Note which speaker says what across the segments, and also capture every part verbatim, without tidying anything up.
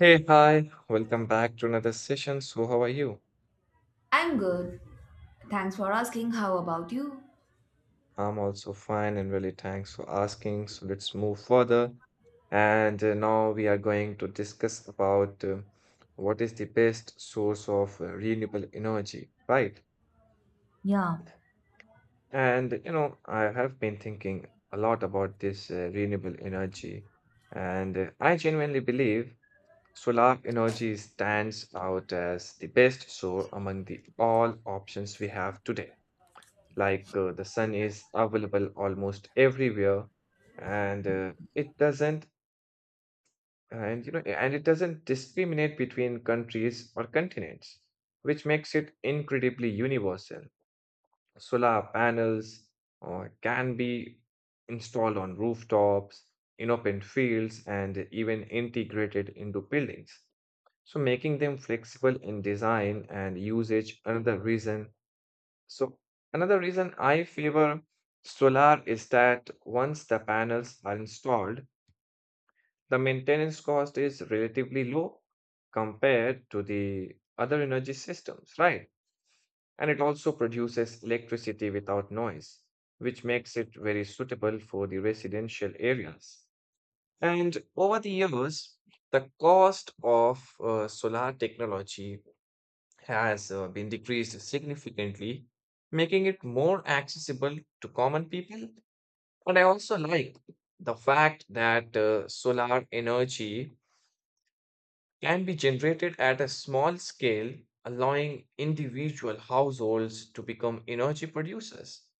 Speaker 1: Hey, hi, welcome back to another session. So, how are you?
Speaker 2: I'm good. Thanks for asking. How about you?
Speaker 1: I'm also fine and really thanks for asking. So, let's move further. And uh, Now we are going to discuss about uh, what is the best source of uh, renewable energy, right?
Speaker 2: Yeah.
Speaker 1: And you know, I have been thinking a lot about this uh, renewable energy, and uh, I genuinely believe solar energy stands out as the best source among the all options we have today. Like uh, the sun is available almost everywhere, and uh, it doesn't, and you know, and it doesn't discriminate between countries or continents, which makes it incredibly universal. Solar panels uh, can be installed on rooftops, in open fields, and even integrated into buildings, so making them flexible in design and usage. Another reason so another reason I favor solar is that once the panels are installed, the maintenance cost is relatively low compared to the other energy systems, right? And it also produces electricity without noise, which makes it very suitable for the residential areas. And over the years, the cost of uh, solar technology has uh, been decreased significantly, making it more accessible to common people. And I also like the fact that uh, solar energy can be generated at a small scale, allowing individual households to become energy producers.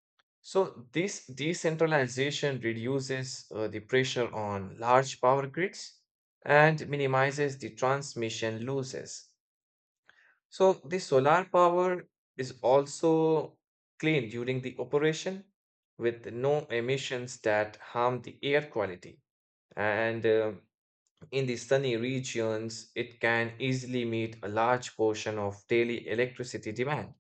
Speaker 1: So this decentralization reduces uh, the pressure on large power grids and minimizes the transmission losses. So the solar power is also clean during the operation with no emissions that harm the air quality. And uh, In the sunny regions, it can easily meet a large portion of daily electricity demand.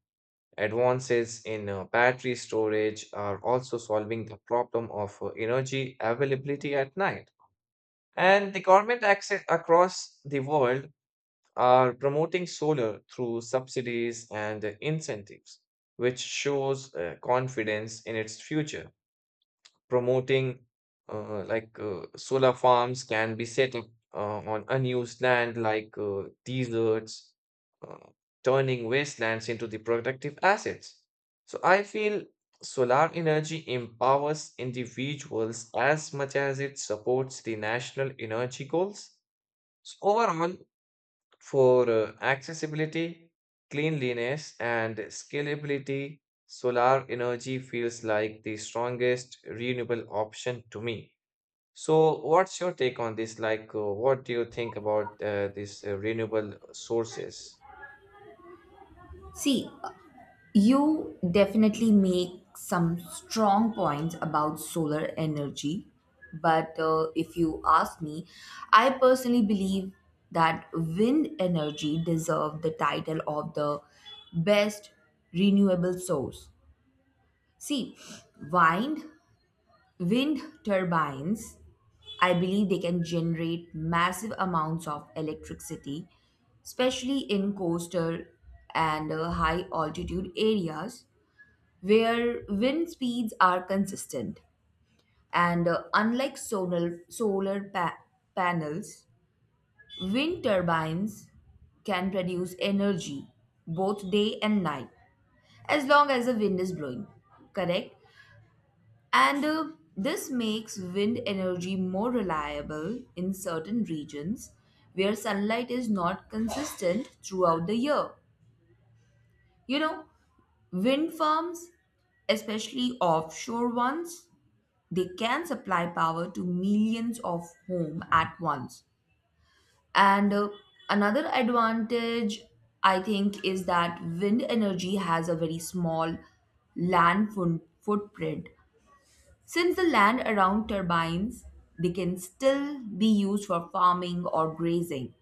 Speaker 1: Advances in uh, battery storage are also solving the problem of uh, energy availability at night. And the government acce- across the world are promoting solar through subsidies and incentives, which shows uh, confidence in its future. Promoting uh, like uh, Solar farms can be set up uh, on unused land like uh, deserts, uh, turning wastelands into the productive assets. So I feel solar energy empowers individuals as much as it supports the national energy goals. So overall, for uh, accessibility, cleanliness, and scalability, solar energy feels like the strongest renewable option to me. So, what's your take on this? Like, uh, what do you think about uh, these uh, renewable sources?
Speaker 2: See, you definitely make some strong points about solar energy, but uh, if you ask me, I personally believe that wind energy deserves the title of the best renewable source. See, wind, wind turbines I believe they can generate massive amounts of electricity, especially in coastal and uh, high altitude areas where wind speeds are consistent. And uh, unlike solar, solar pa- panels, wind turbines can produce energy both day and night as long as the wind is blowing, correct? And uh, this makes wind energy more reliable in certain regions where sunlight is not consistent throughout the year. You know, wind farms, especially offshore ones, they can supply power to millions of homes at once. And uh, another advantage, I think, is that wind energy has a very small land foot footprint. Since the land around turbines, they can still be used for farming or grazing.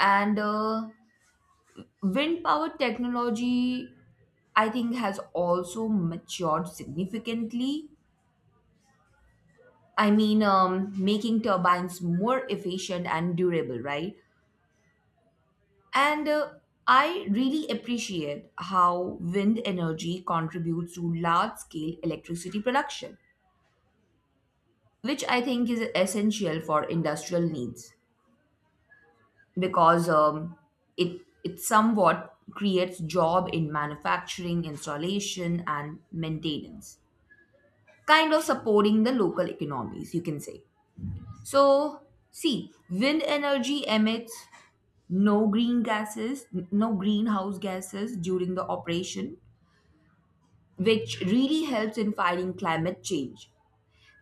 Speaker 2: And uh, wind power technology, I think, has also matured significantly. I mean, um, making turbines more efficient and durable, right? And uh, I really appreciate how wind energy contributes to large scale electricity production, which I think is essential for industrial needs, because um, it it somewhat creates job in manufacturing, installation, and maintenance, kind of supporting the local economies, you can say. So, see, wind energy emits no green gases, n- no greenhouse gases during the operation, which really helps in fighting climate change.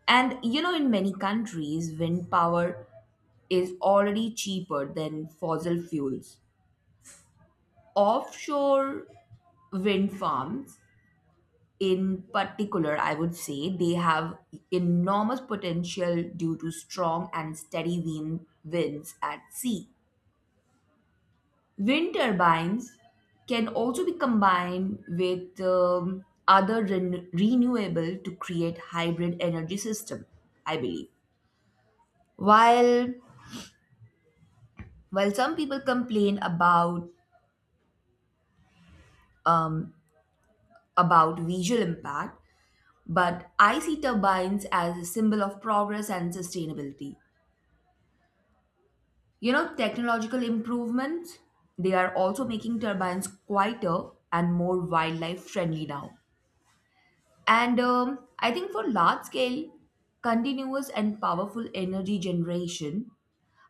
Speaker 2: And you know, in many countries, wind power is already cheaper than fossil fuels. Offshore wind farms in particular, I would say they have enormous potential due to strong and steady wind winds at sea. Wind turbines can also be combined with um, other ren- renewable to create hybrid energy system, I believe. While while some people complain about um, about visual impact, but I see turbines as a symbol of progress and sustainability. You know, technological improvements, they are also making turbines quieter and more wildlife friendly now. And um, I think for large scale, continuous and powerful energy generation,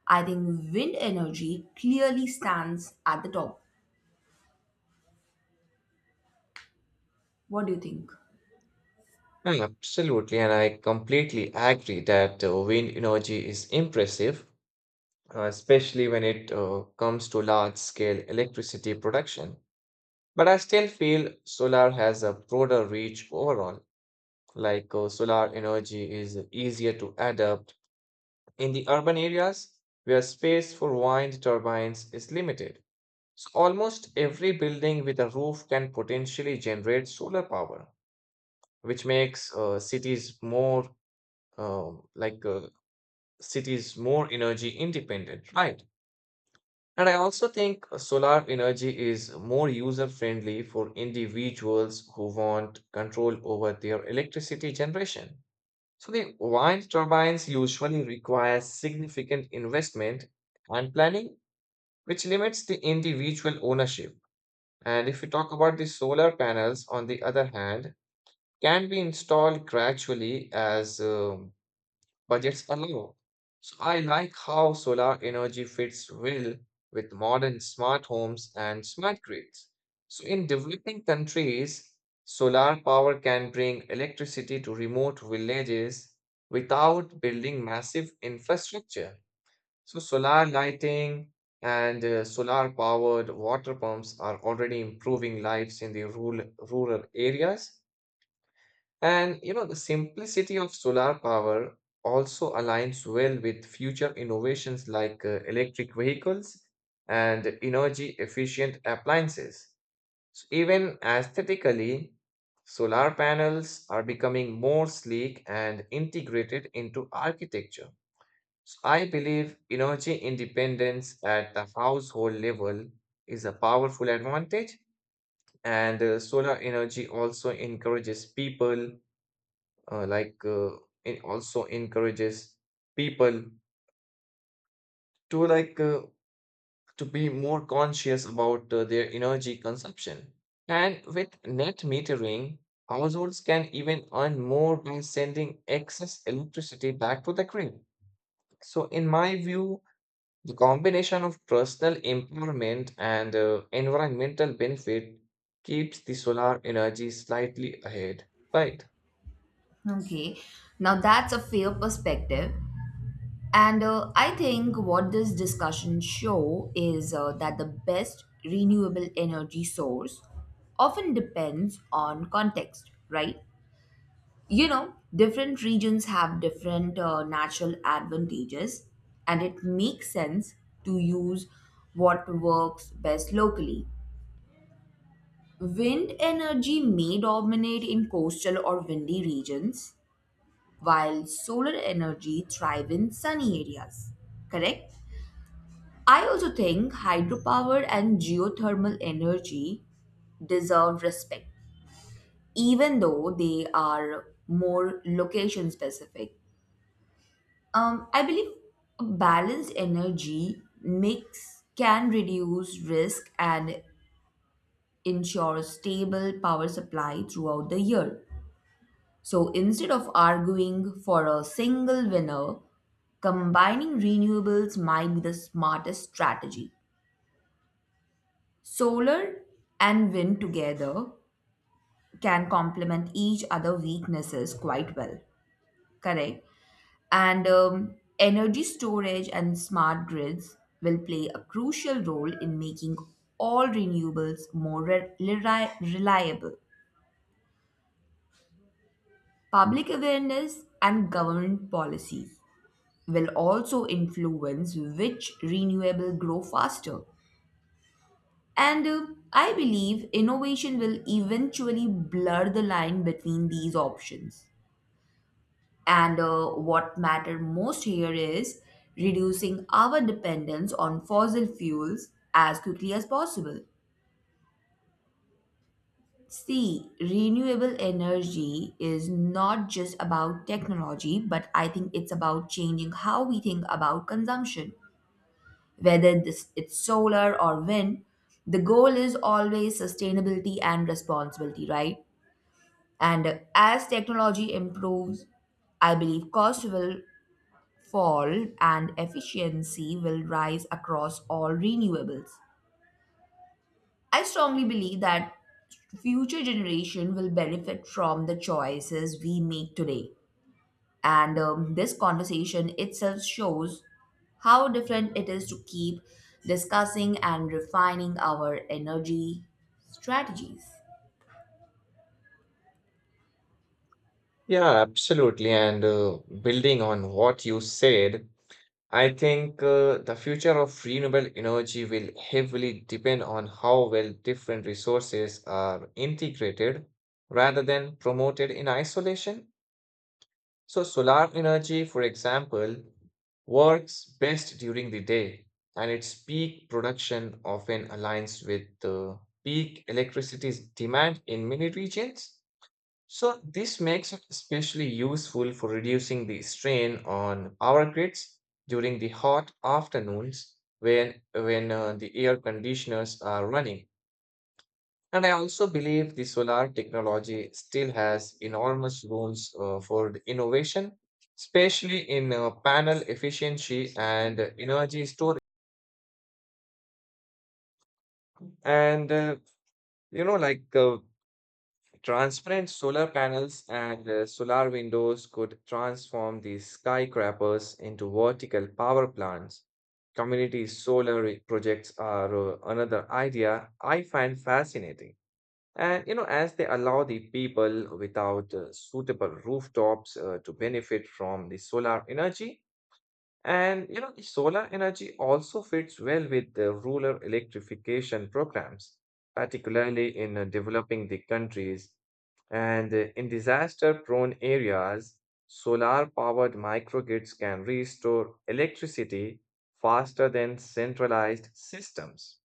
Speaker 2: I think wind energy clearly stands at the top. What do you think?
Speaker 1: Mm, absolutely, and I completely agree that uh, wind energy is impressive, uh, especially when it uh, comes to large-scale electricity production. But I still feel solar has a broader reach overall. Like uh, solar energy is easier to adapt in the urban areas where space for wind turbines is limited. So almost every building with a roof can potentially generate solar power, which makes uh, cities more uh, like uh, cities more energy independent, right? And I also think uh, solar energy is more user friendly for individuals who want control over their electricity generation. So the wind turbines usually require significant investment and planning, which limits the individual ownership. And if we talk about the solar panels, on the other hand, can be installed gradually as um, budgets allow. So I like how solar energy fits well with modern smart homes and smart grids. So in developing countries, solar power can bring electricity to remote villages without building massive infrastructure. So solar lighting and uh, solar powered water pumps are already improving lives in the rural, rural areas. And you know, the simplicity of solar power also aligns well with future innovations like uh, electric vehicles and energy efficient appliances. So even aesthetically, solar panels are becoming more sleek and integrated into architecture. So I believe energy independence at the household level is a powerful advantage, and uh, solar energy also encourages people uh, like uh, it also encourages people to like uh, to be more conscious about uh, their energy consumption, and with net metering, households can even earn more by sending excess electricity back to the grid. So in my view, the combination of personal empowerment and uh, environmental benefit keeps the solar energy slightly ahead, right?
Speaker 2: Okay, now that's a fair perspective. And uh, I think what this discussion show is uh, that the best renewable energy source often depends on context, right? You know, different regions have different uh, natural advantages, and it makes sense to use what works best locally. Wind energy may dominate in coastal or windy regions, while solar energy thrive in sunny areas. Correct? I also think hydropower and geothermal energy deserve respect, even though they are more location specific. Um, I believe a balanced energy mix can reduce risk and ensure stable power supply throughout the year. So instead of arguing for a single winner, combining renewables might be the smartest strategy. Solar and wind together can complement each other weaknesses quite well, correct? And um, energy storage and smart grids will play a crucial role in making all renewables more re- reli- reliable. Public awareness and government policies will also influence which renewable grow faster. And uh, I believe innovation will eventually blur the line between these options. And uh, what matters most here is reducing our dependence on fossil fuels as quickly as possible. See, renewable energy is not just about technology, but I think it's about changing how we think about consumption. Whether this it's solar or wind, the goal is always sustainability and responsibility, right? And as technology improves, I believe cost will fall and efficiency will rise across all renewables. I strongly believe that future generation will benefit from the choices we make today. And um, this conversation itself shows how different it is to keep discussing and refining our energy strategies.
Speaker 1: Yeah, absolutely. And uh, Building on what you said, I think uh, the future of renewable energy will heavily depend on how well different resources are integrated rather than promoted in isolation. So, solar energy, for example, works best during the day, and its peak production often aligns with the peak electricity demand in many regions. So, this makes it especially useful for reducing the strain on power grids during the hot afternoons when, when uh, the air conditioners are running. And I also believe the solar technology still has enormous rooms uh, for the innovation, especially in uh, panel efficiency and uh, energy storage. And, uh, you know, like uh, Transparent solar panels and uh, solar windows could transform these skyscrapers into vertical power plants. Community solar re- projects are uh, another idea I find fascinating. And you know, as they allow the people without uh, suitable rooftops uh, to benefit from the solar energy, and you know, the solar energy also fits well with the rural electrification programs, particularly in uh, developing the countries, and uh, in disaster-prone areas, solar-powered microgrids can restore electricity faster than centralized systems.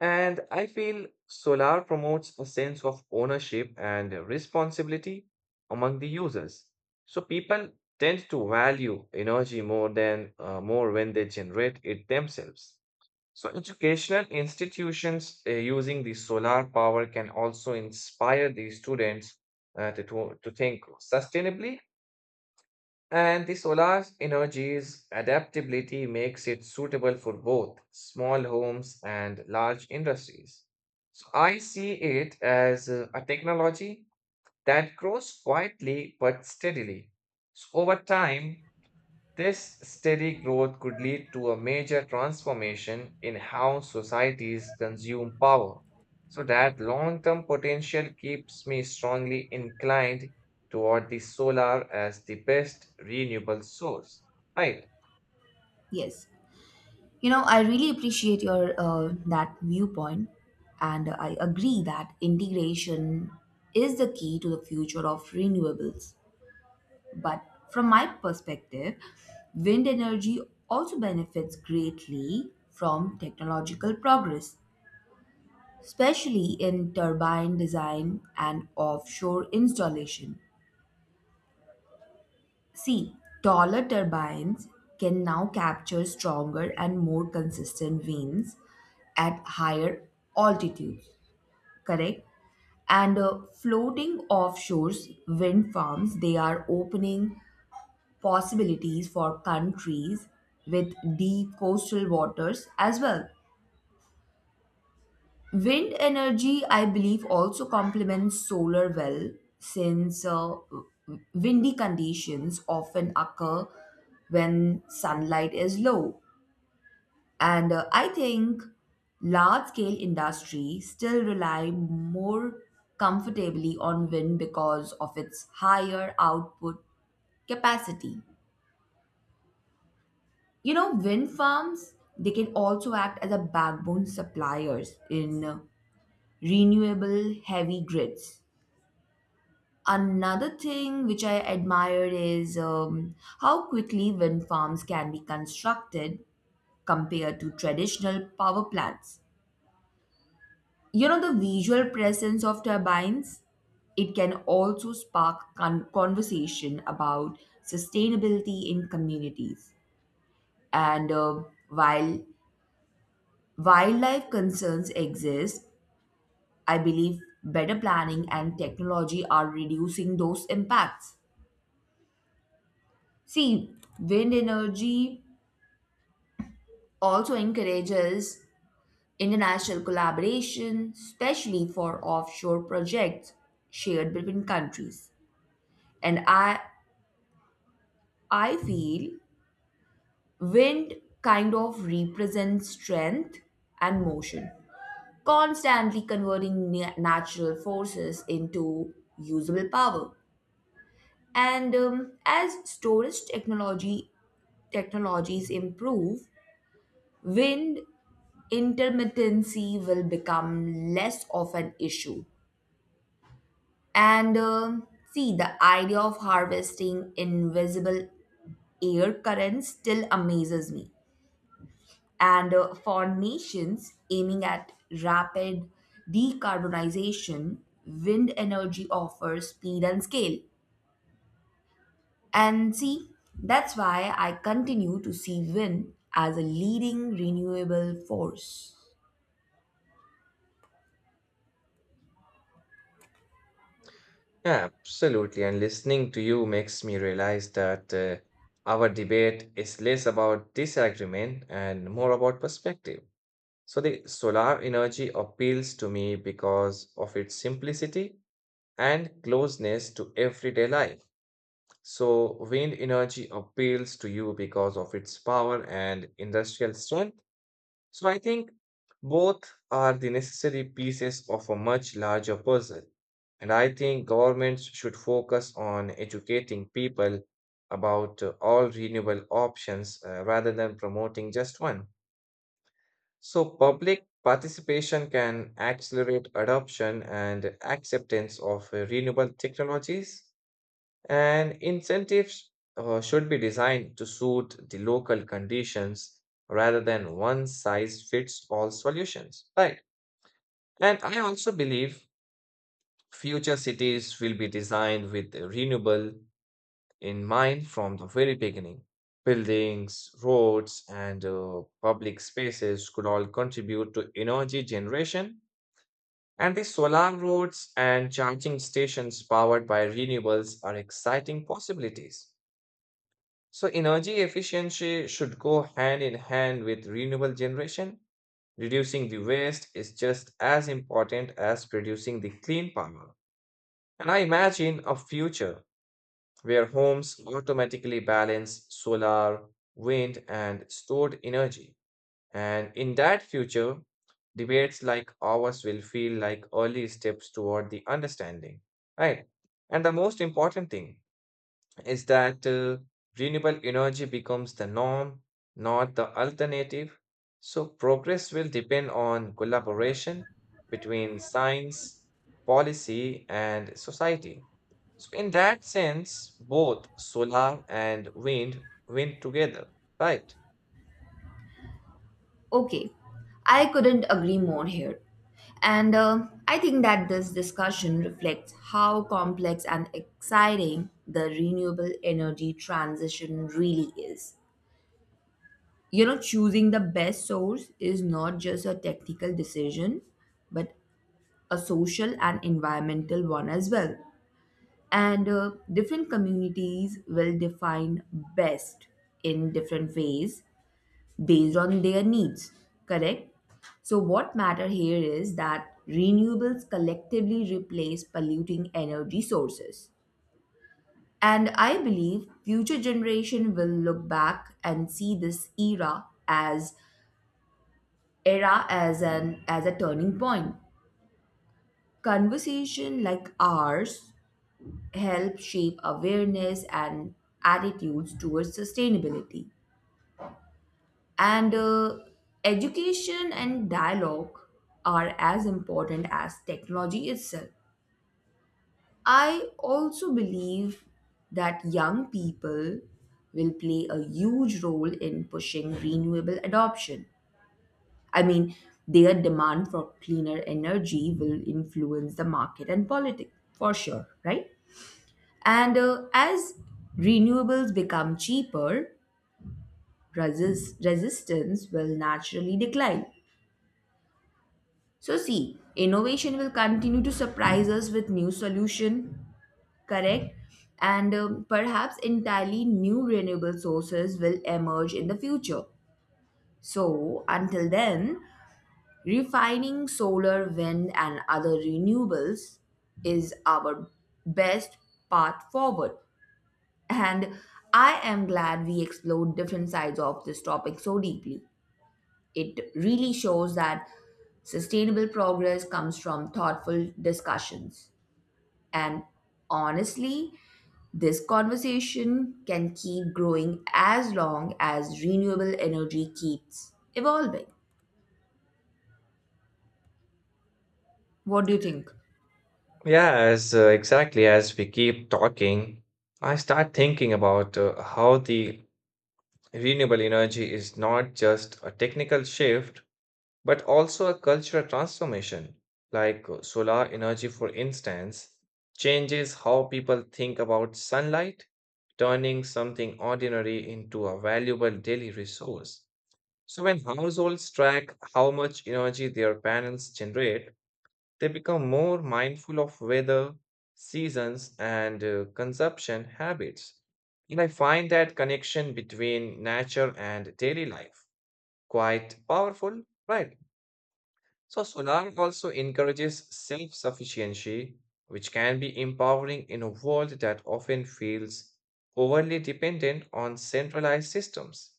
Speaker 1: And I feel solar promotes a sense of ownership and responsibility among the users. So people tend to value energy more than uh, more when they generate it themselves. So, educational institutions uh, using the solar power can also inspire the students uh, to, to, to think sustainably, and the solar energy's adaptability makes it suitable for both small homes and large industries. So, I see it as uh, a technology that grows quietly but steadily. So, over time, this steady growth could lead to a major transformation in how societies consume power, so that long term potential keeps me strongly inclined toward the solar as the best renewable source. Right.
Speaker 2: Yes. You know, I really appreciate your uh, that viewpoint, and I agree that integration is the key to the future of renewables. But from my perspective, wind energy also benefits greatly from technological progress, especially in turbine design and offshore installation. See, taller turbines can now capture stronger and more consistent winds at higher altitudes, correct? And uh, floating offshore wind farms, they are opening possibilities for countries with deep coastal waters as well. Wind energy, I believe, also complements solar well, since uh, w- windy conditions often occur when sunlight is low. And uh, I think large scale industry still rely more comfortably on wind because of its higher output capacity. You know, wind farms, they can also act as a backbone suppliers in uh, renewable heavy grids. Another thing which I admire is um, how quickly wind farms can be constructed compared to traditional power plants. You know, the visual presence of turbines, it can also spark con- conversation about sustainability in communities. And uh, while wildlife concerns exist, I believe better planning and technology are reducing those impacts. See, wind energy also encourages international collaboration, especially for offshore projects shared between countries. And I, I feel wind kind of represents strength and motion, constantly converting na- natural forces into usable power. And um, as storage technology technologies improve, wind intermittency will become less of an issue. And um See, the idea of harvesting invisible air currents still amazes me. And uh, for nations aiming at rapid decarbonization, wind energy offers speed and scale. And see, that's why I continue to see wind as a leading renewable force.
Speaker 1: Yeah, absolutely. And listening to you makes me realize that uh, our debate is less about disagreement and more about perspective. So, the solar energy appeals to me because of its simplicity and closeness to everyday life. So, wind energy appeals to you because of its power and industrial strength. So, I think both are the necessary pieces of a much larger puzzle. And I think governments should focus on educating people about uh, all renewable options uh, rather than promoting just one. So, public participation can accelerate adoption and acceptance of uh, renewable technologies. And incentives uh, should be designed to suit the local conditions rather than one size fits all solutions. Right. And I also believe future cities will be designed with the renewable in mind from the very beginning. Buildings, roads, and uh, public spaces could all contribute to energy generation. And the solar roads and charging stations powered by renewables are exciting possibilities. So energy efficiency should go hand in hand with renewable generation. Reducing the waste is just as important as producing the clean power. And I imagine a future where homes automatically balance solar, wind, and stored energy. And in that future, debates like ours will feel like early steps toward the understanding, right? And the most important thing, is that uh, renewable energy becomes the norm, not the alternative. So, progress will depend on collaboration between science, policy, and society. So, in that sense, both solar and wind win together, right?
Speaker 2: Okay, I couldn't agree more here. And uh, I think that this discussion reflects how complex and exciting the renewable energy transition really is. You know, choosing the best source is not just a technical decision, but a social and environmental one as well. And uh, different communities will define best in different ways based on their needs, correct? So, what matter here is that renewables collectively replace polluting energy sources. And I believe future generation will look back and see this era as era as an as a turning point. Conversation like ours help shape awareness and attitudes towards sustainability. And uh, education and dialogue are as important as technology itself. I also believe that young people will play a huge role in pushing renewable adoption. I mean, their demand for cleaner energy will influence the market and politics for sure, right? And uh, as renewables become cheaper, resist- resistance will naturally decline. So see, innovation will continue to surprise us with new solution, correct? And um, perhaps entirely new renewable sources will emerge in the future. So until then, refining solar, wind, and other renewables is our best path forward. And I am glad we explored different sides of this topic so deeply. It really shows that sustainable progress comes from thoughtful discussions. And honestly, this conversation can keep growing as long as renewable energy keeps evolving. What do you think?
Speaker 1: Yeah, uh, exactly, as we keep talking, I start thinking about uh, how the renewable energy is not just a technical shift, but also a cultural transformation, like uh, solar energy, for instance, changes how people think about sunlight, turning something ordinary into a valuable daily resource. So, when households track how much energy their panels generate, they become more mindful of weather, seasons, and uh, consumption habits. And I find that connection between nature and daily life quite powerful, right? So, Sunan also encourages self sufficiency, which can be empowering in a world that often feels overly dependent on centralized systems.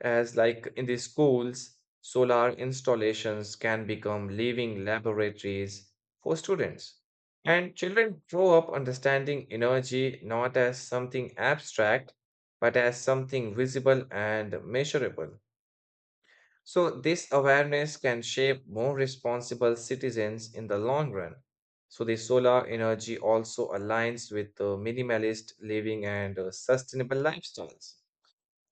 Speaker 1: As, like in the schools, solar installations can become living laboratories for students. And children grow up understanding energy not as something abstract, but as something visible and measurable. So, this awareness can shape more responsible citizens in the long run. So, the solar energy also aligns with the minimalist living and uh, sustainable lifestyles.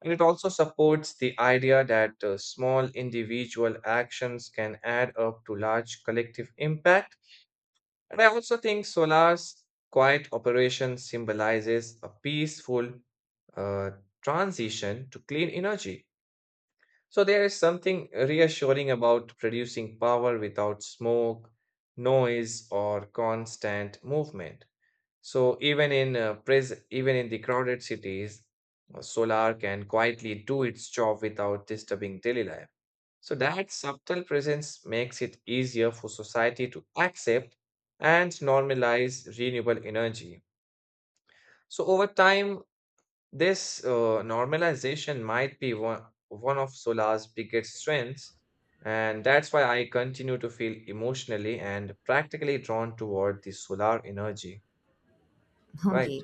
Speaker 1: And it also supports the idea that uh, small individual actions can add up to large collective impact. And I also think solar's quiet operation symbolizes a peaceful uh, transition to clean energy, so there is something reassuring about producing power without smoke, noise, or constant movement. So even in uh, pres- even in the crowded cities, uh, solar can quietly do its job without disturbing daily life. So that subtle presence makes it easier for society to accept and normalize renewable energy. So over time, this uh, normalization might be one, one of solar's biggest strengths, and that's why I continue to feel emotionally and practically drawn toward the solar energy, right?
Speaker 2: Okay,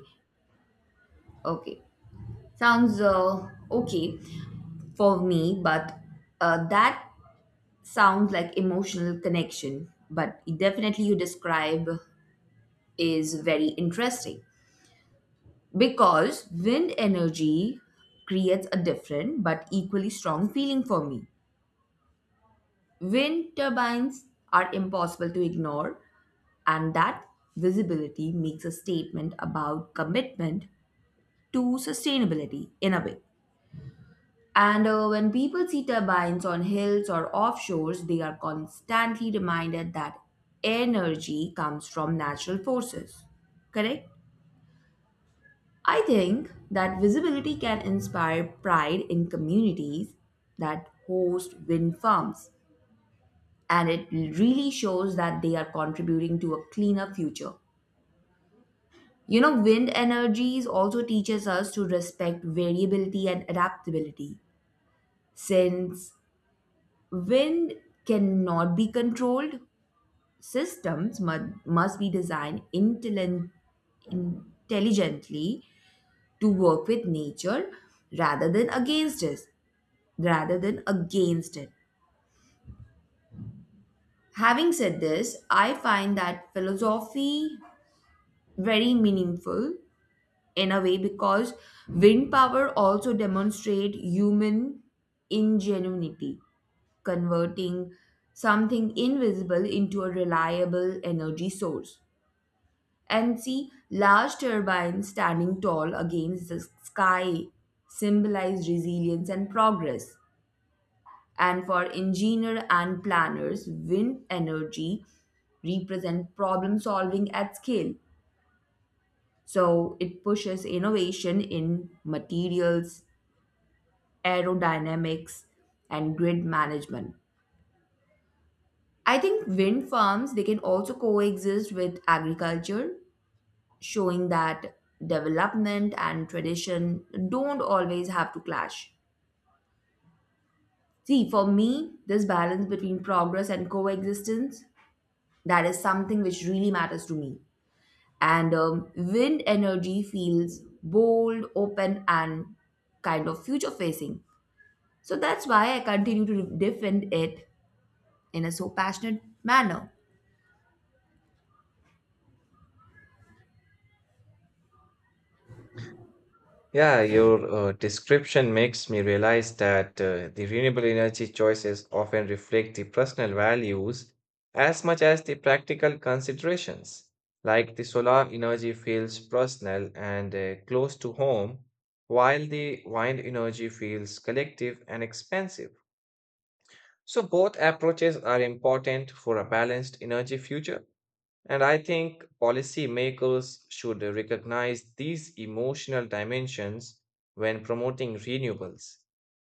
Speaker 2: okay. Sounds uh, okay for me, but uh, that sounds like emotional connection. But definitely, you describe is very interesting. Because wind energy creates a different but equally strong feeling for me. Wind turbines are impossible to ignore, and that visibility makes a statement about commitment to sustainability in a way. And uh, when people see turbines on hills or offshores, they are constantly reminded that energy comes from natural forces. Correct? I think that visibility can inspire pride in communities that host wind farms, and it really shows that they are contributing to a cleaner future. You know, wind energies also teaches us to respect variability and adaptability. Since wind cannot be controlled, systems mu- must be designed intelligent intelligently to work with nature rather than against us. Rather than against it. Having said this, I find that philosophy very meaningful in a way, because wind power also demonstrate human ingenuity, converting something invisible into a reliable energy source. And see, large turbines standing tall against the sky symbolize resilience and progress. And for engineer and planners, wind energy represent problem solving at scale. So it pushes innovation in materials, aerodynamics, and grid management. I think wind farms they can also coexist with agriculture, showing that development and tradition don't always have to clash. See, for me, this balance between progress and coexistence, that is something which really matters to me. and um, wind energy feels bold, open, and kind of future facing. So that's why I continue to defend it in a so passionate manner.
Speaker 1: Yeah, your uh, description makes me realize that uh, the renewable energy choices often reflect the personal values as much as the practical considerations. Like the solar energy feels personal and uh, close to home, while the wind energy feels collective and expensive. So, both approaches are important for a balanced energy future. And I think policymakers should recognize these emotional dimensions when promoting renewables.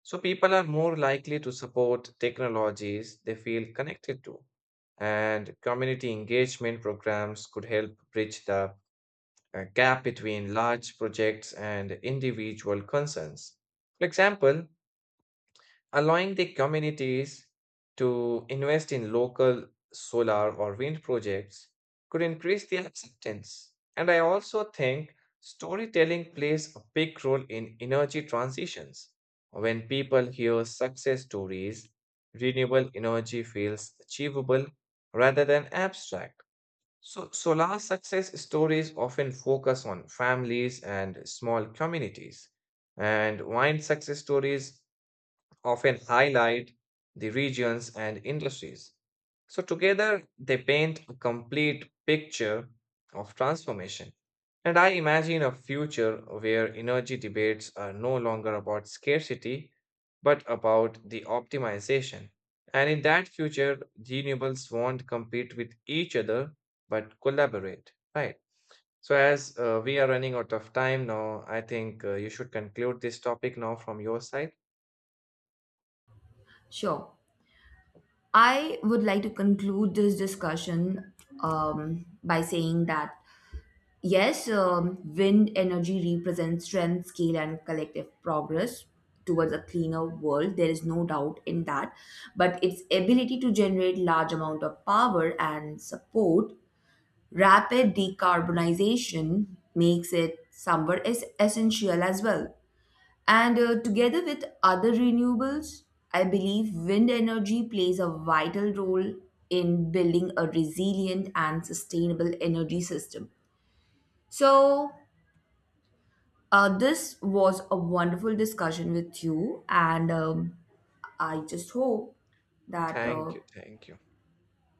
Speaker 1: So people are more likely to support technologies they feel connected to. And community engagement programs could help bridge the uh, gap between large projects and individual concerns. For example, allowing the communities to invest in local solar or wind projects could increase the acceptance. And I also think storytelling plays a big role in energy transitions. When people hear success stories, renewable energy feels achievable rather than abstract. So, solar success stories often focus on families and small communities, and wind success stories often highlight the regions and industries. So, together, they paint a complete picture of transformation. And I imagine a future where energy debates are no longer about scarcity, but about the optimization. And in that future, renewables won't compete with each other, but collaborate, right? So, as uh, we are running out of time now, I think uh, you should conclude this topic now from your side.
Speaker 2: Sure. I would like to conclude this discussion um, by saying that yes, um, wind energy represents strength, scale, and collective progress towards a cleaner world. There is no doubt in that. But its ability to generate large amount of power and support rapid decarbonization makes it somewhat is essential as well. And uh, together with other renewables, I believe wind energy plays a vital role in building a resilient and sustainable energy system. So, uh, this was a wonderful discussion with you, and um, I just hope that uh,
Speaker 1: Thank you. Thank you.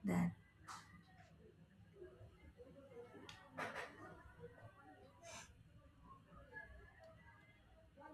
Speaker 2: that